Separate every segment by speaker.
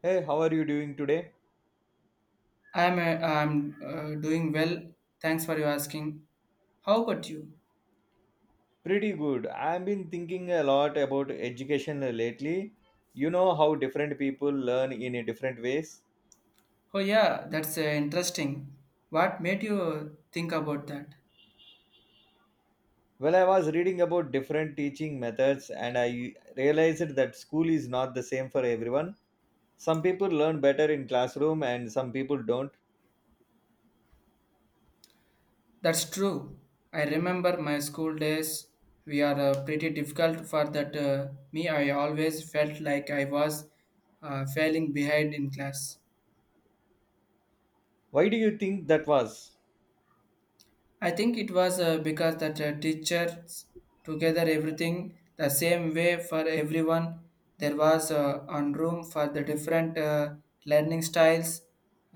Speaker 1: Hey, how are you doing today?
Speaker 2: I'm doing well. Thanks for your asking. How about you?
Speaker 1: Pretty good. I've been thinking a lot about education lately. You know how different people learn in a different ways.
Speaker 2: Oh yeah, that's interesting. What made you think about that?
Speaker 1: Well, I was reading about different teaching methods and I realized that school is not the same for everyone. Some people learn better in classroom and some people don't.
Speaker 2: That's true. I remember my school days. We are pretty difficult for that. Me, I always felt like I was failing behind in class.
Speaker 1: Why do you think that was?
Speaker 2: I think it was because that teachers together everything the same way for everyone. There was on room for the different learning styles.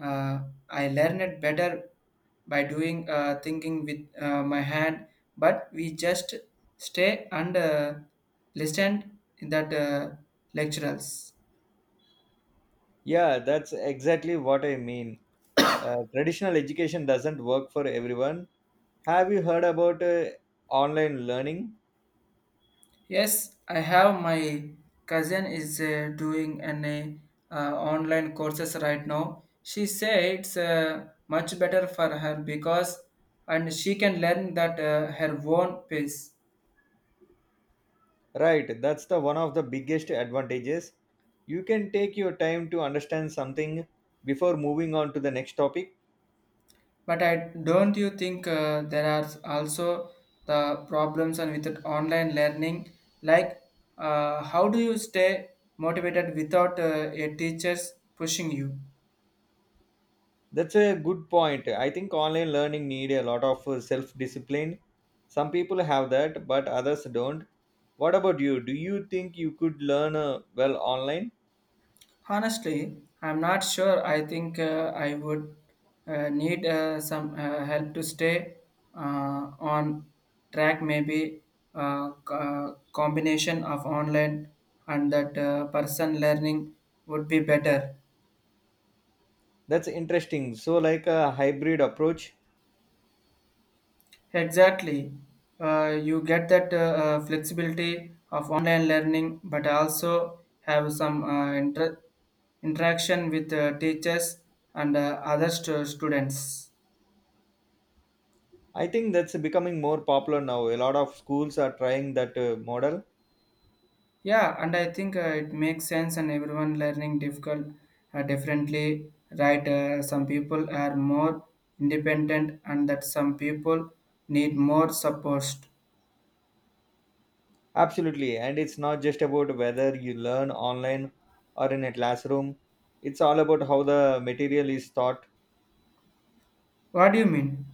Speaker 2: Uh, I learned it better by doing thinking with my hand, but we just stay and listen in that lecturers.
Speaker 1: Yeah, that's exactly what I mean. Traditional education doesn't work for everyone. Have you heard about online learning?
Speaker 2: Yes, I have my cousin is doing an online courses right now. She said it's much better for her because and she can learn that her own pace.
Speaker 1: Right, that's the one of the biggest advantages. You can take your time to understand something before moving on to the next topic.
Speaker 2: But I don't you think there are also the problems and with that online learning like how do you stay motivated without a teachers pushing you?
Speaker 1: That's a good point. I think online learning need a lot of self-discipline. Some people have that, but others don't. What about you? Do you think you could learn well online?
Speaker 2: Honestly, I'm not sure. I think I would need some help to stay on track, maybe uh, c- uh, combination of online and that person learning would be better.
Speaker 1: That's interesting. So like a hybrid approach.
Speaker 2: Exactly. You get that flexibility of online learning, but also have some interaction with teachers and other students.
Speaker 1: I think that's becoming more popular now. A lot of schools are trying that model.
Speaker 2: Yeah, and I think it makes sense, and everyone learning difficult differently, right? Some people are more independent, and that some people need more support.
Speaker 1: Absolutely. And it's not just about whether you learn online or in a classroom, it's all about how the material is taught.
Speaker 2: What do you mean?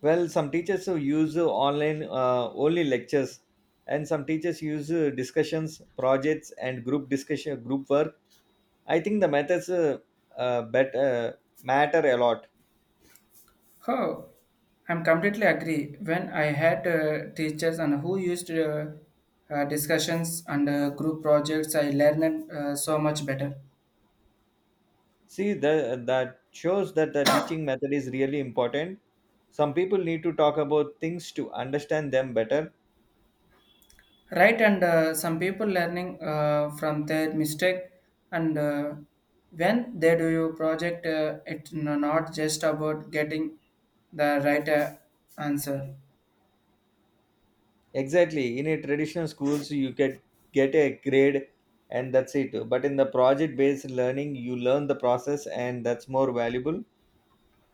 Speaker 1: Well, some teachers who use online only lectures, and some teachers use discussions, projects, and group work. I think the methods uh, bet, uh, matter a lot.
Speaker 2: Oh, I'm completely agree. When I had teachers and who used discussions and group projects, I learned so much better.
Speaker 1: That shows that the teaching method is really important. Some people need to talk about things to understand them better.
Speaker 2: Right, and some people learning from their mistake, and when they do your project, not just about getting the right answer.
Speaker 1: Exactly. In a traditional schools, you get a grade, and that's it. But in the project-based learning, you learn the process, and that's more valuable.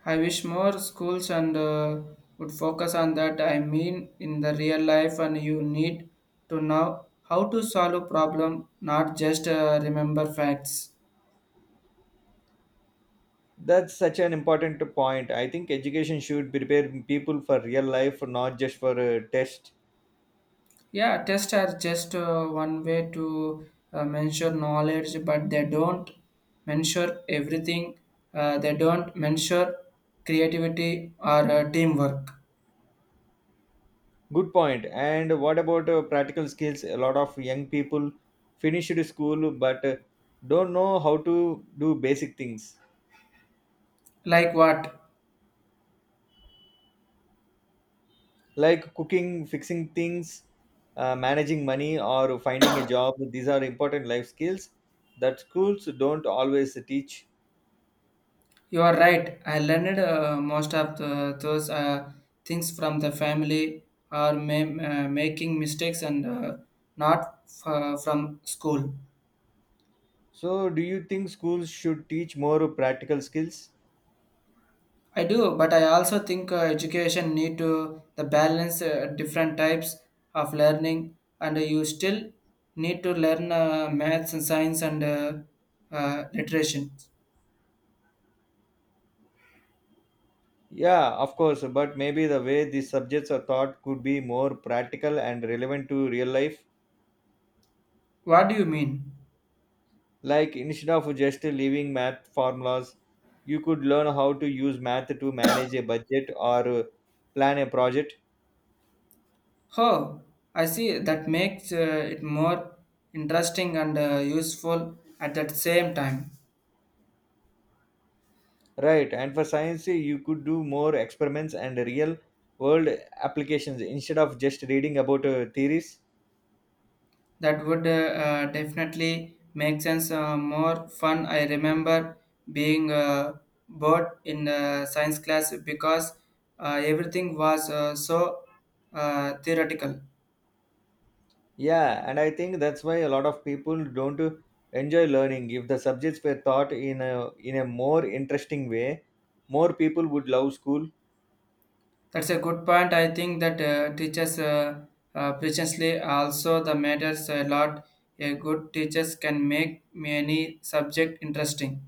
Speaker 2: I wish more schools and would focus on that. I mean, in the real life, and you need to know how to solve a problem, not just remember facts.
Speaker 1: That's such an important point. I think education should prepare people for real life, not just for a test.
Speaker 2: Yeah, tests are just one way to measure knowledge, but they don't measure everything. They don't measure creativity or teamwork.
Speaker 1: Good point. And what about practical skills? A lot of young people finished school but don't know how to do basic things.
Speaker 2: Like what?
Speaker 1: Like cooking, fixing things, managing money, or finding a job. These are important life skills that schools don't always teach.
Speaker 2: You are right. I learned most of the, those things from the family or making mistakes and not from school.
Speaker 1: So, do you think schools should teach more practical skills?
Speaker 2: I do, but I also think education need to the balance different types of learning, and you still need to learn maths and science and literature.
Speaker 1: Yeah, of course, but maybe the way these subjects are taught could be more practical and relevant to real life.
Speaker 2: What do you mean?
Speaker 1: Like instead of just leaving math formulas, you could learn how to use math to manage a budget or plan a project.
Speaker 2: Oh, I see. That makes it more interesting and useful at that same time.
Speaker 1: Right, and for science, you could do more experiments and real world applications instead of just reading about theories.
Speaker 2: That would definitely make sense more fun. I remember being bored in science class because everything was so theoretical.
Speaker 1: Yeah, and I think that's why a lot of people don't enjoy learning. If the subjects were taught in a more interesting way, more people would love school.
Speaker 2: That's a good point. I think that teachers preciously also the matters a lot. A good teachers can make many subject interesting.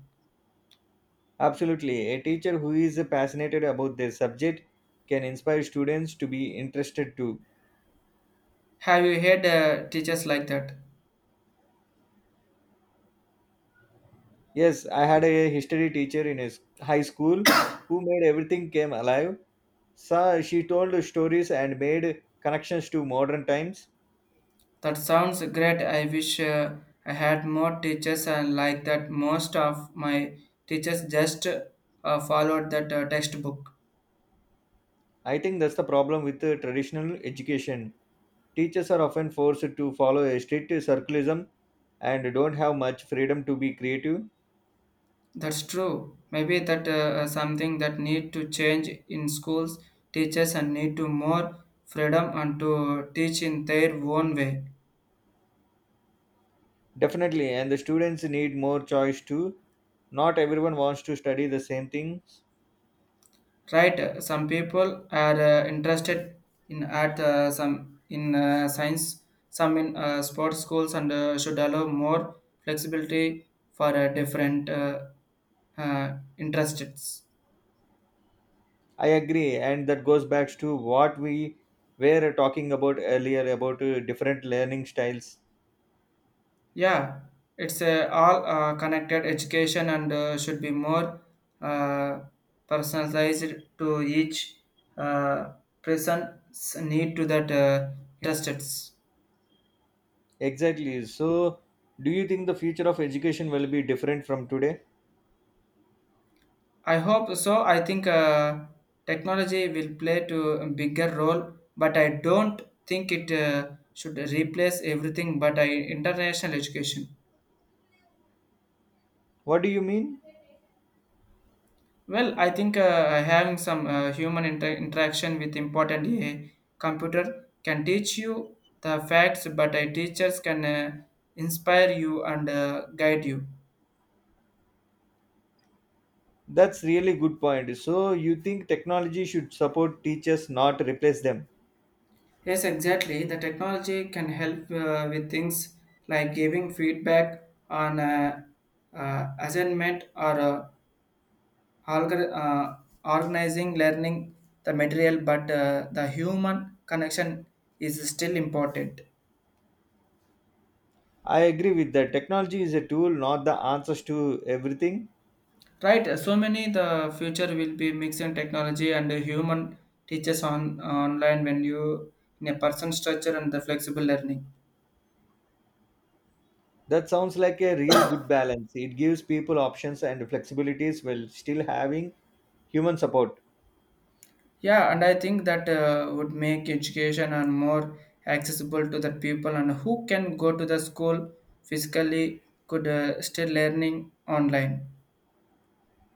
Speaker 1: Absolutely, a teacher who is passionate about their subject can inspire students to be interested too.
Speaker 2: Have you had teachers like that?
Speaker 1: Yes, I had a history teacher in his high school who made everything came alive. So she told stories and made connections to modern times.
Speaker 2: That sounds great. I wish I had more teachers and like that. Most of my teachers just followed that textbook.
Speaker 1: I think that's the problem with the traditional education. Teachers are often forced to follow a strict circularism and don't have much freedom to be creative.
Speaker 2: That's true. Maybe that something that need to change in schools. Teachers and need to more freedom and to teach in their own way.
Speaker 1: Definitely, and the students need more choice too. Not everyone wants to study the same thing.
Speaker 2: Right, some people are interested in art, some in science, some in sports. Schools and should allow more flexibility for different interests.
Speaker 1: I agree, and that goes back to what we were talking about earlier about different learning styles.
Speaker 2: Yeah, it's all connected. Education and should be more uh, personalized to each uh, person's need to that interests.
Speaker 1: Exactly. So, do you think the future of education will be different from today?
Speaker 2: I hope so. I think technology will play to a bigger role, but I don't think it should replace everything. But I international education.
Speaker 1: What do you mean?
Speaker 2: Well, I think having some human interaction with important AI computer can teach you the facts, but teachers can inspire you and guide you.
Speaker 1: That's really good point. So, you think technology should support teachers, not replace them?
Speaker 2: Yes, exactly. The technology can help with things like giving feedback on assignment or algor- uh, organizing learning the material, but the human connection is still important.
Speaker 1: I agree with that. Technology is a tool, not the answers to everything.
Speaker 2: Right. So many the future will be mixing technology and human teachers on online when you in a person structure and the flexible learning.
Speaker 1: That sounds like a real good balance. It gives people options and flexibilities while still having human support.
Speaker 2: Yeah, and I think that would make education and more accessible to the people and who can go to the school physically could still learning online.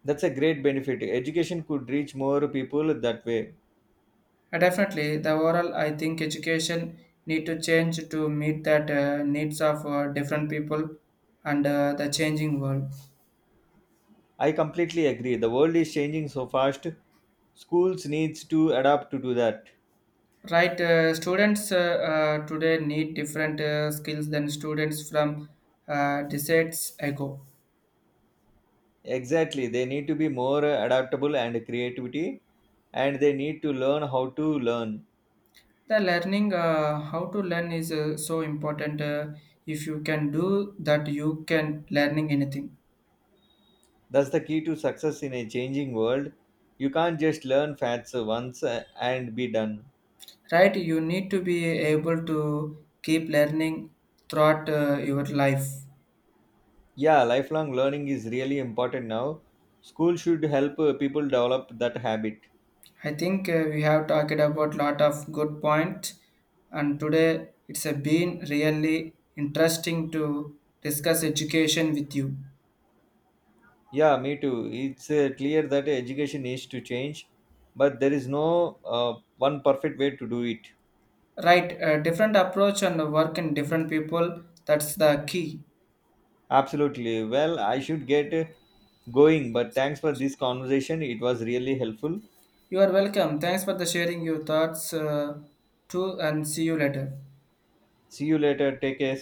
Speaker 1: That's a great benefit. Education could reach more people that way.
Speaker 2: And definitely, the overall I think education need to change to meet that needs of different people and the changing world.
Speaker 1: I completely agree. The world is changing so fast. Schools needs to adapt to do that.
Speaker 2: Right, students today need different skills than students from decades ago.
Speaker 1: Exactly. They need to be more adaptable and creativity and they need to learn how to learn.
Speaker 2: The learning how to learn is so important. If you can do that, you can learning anything.
Speaker 1: That's the key to success in a changing world. You can't just learn facts once and be done.
Speaker 2: Right, you need to be able to keep learning throughout your life.
Speaker 1: Yeah, lifelong learning is really important now. School should help people develop that habit.
Speaker 2: I think we have talked about lot of good points and today it's been really interesting to discuss education with you.
Speaker 1: Yeah, me too. It's clear that education needs to change, but there is no one perfect way to do it.
Speaker 2: Right, different approach and work in different people. That's the key.
Speaker 1: Absolutely. Well, I should get going, but thanks for this conversation. It was really helpful.
Speaker 2: You are welcome. Thanks for the sharing your thoughts too, and see you later.
Speaker 1: See you later. Take care.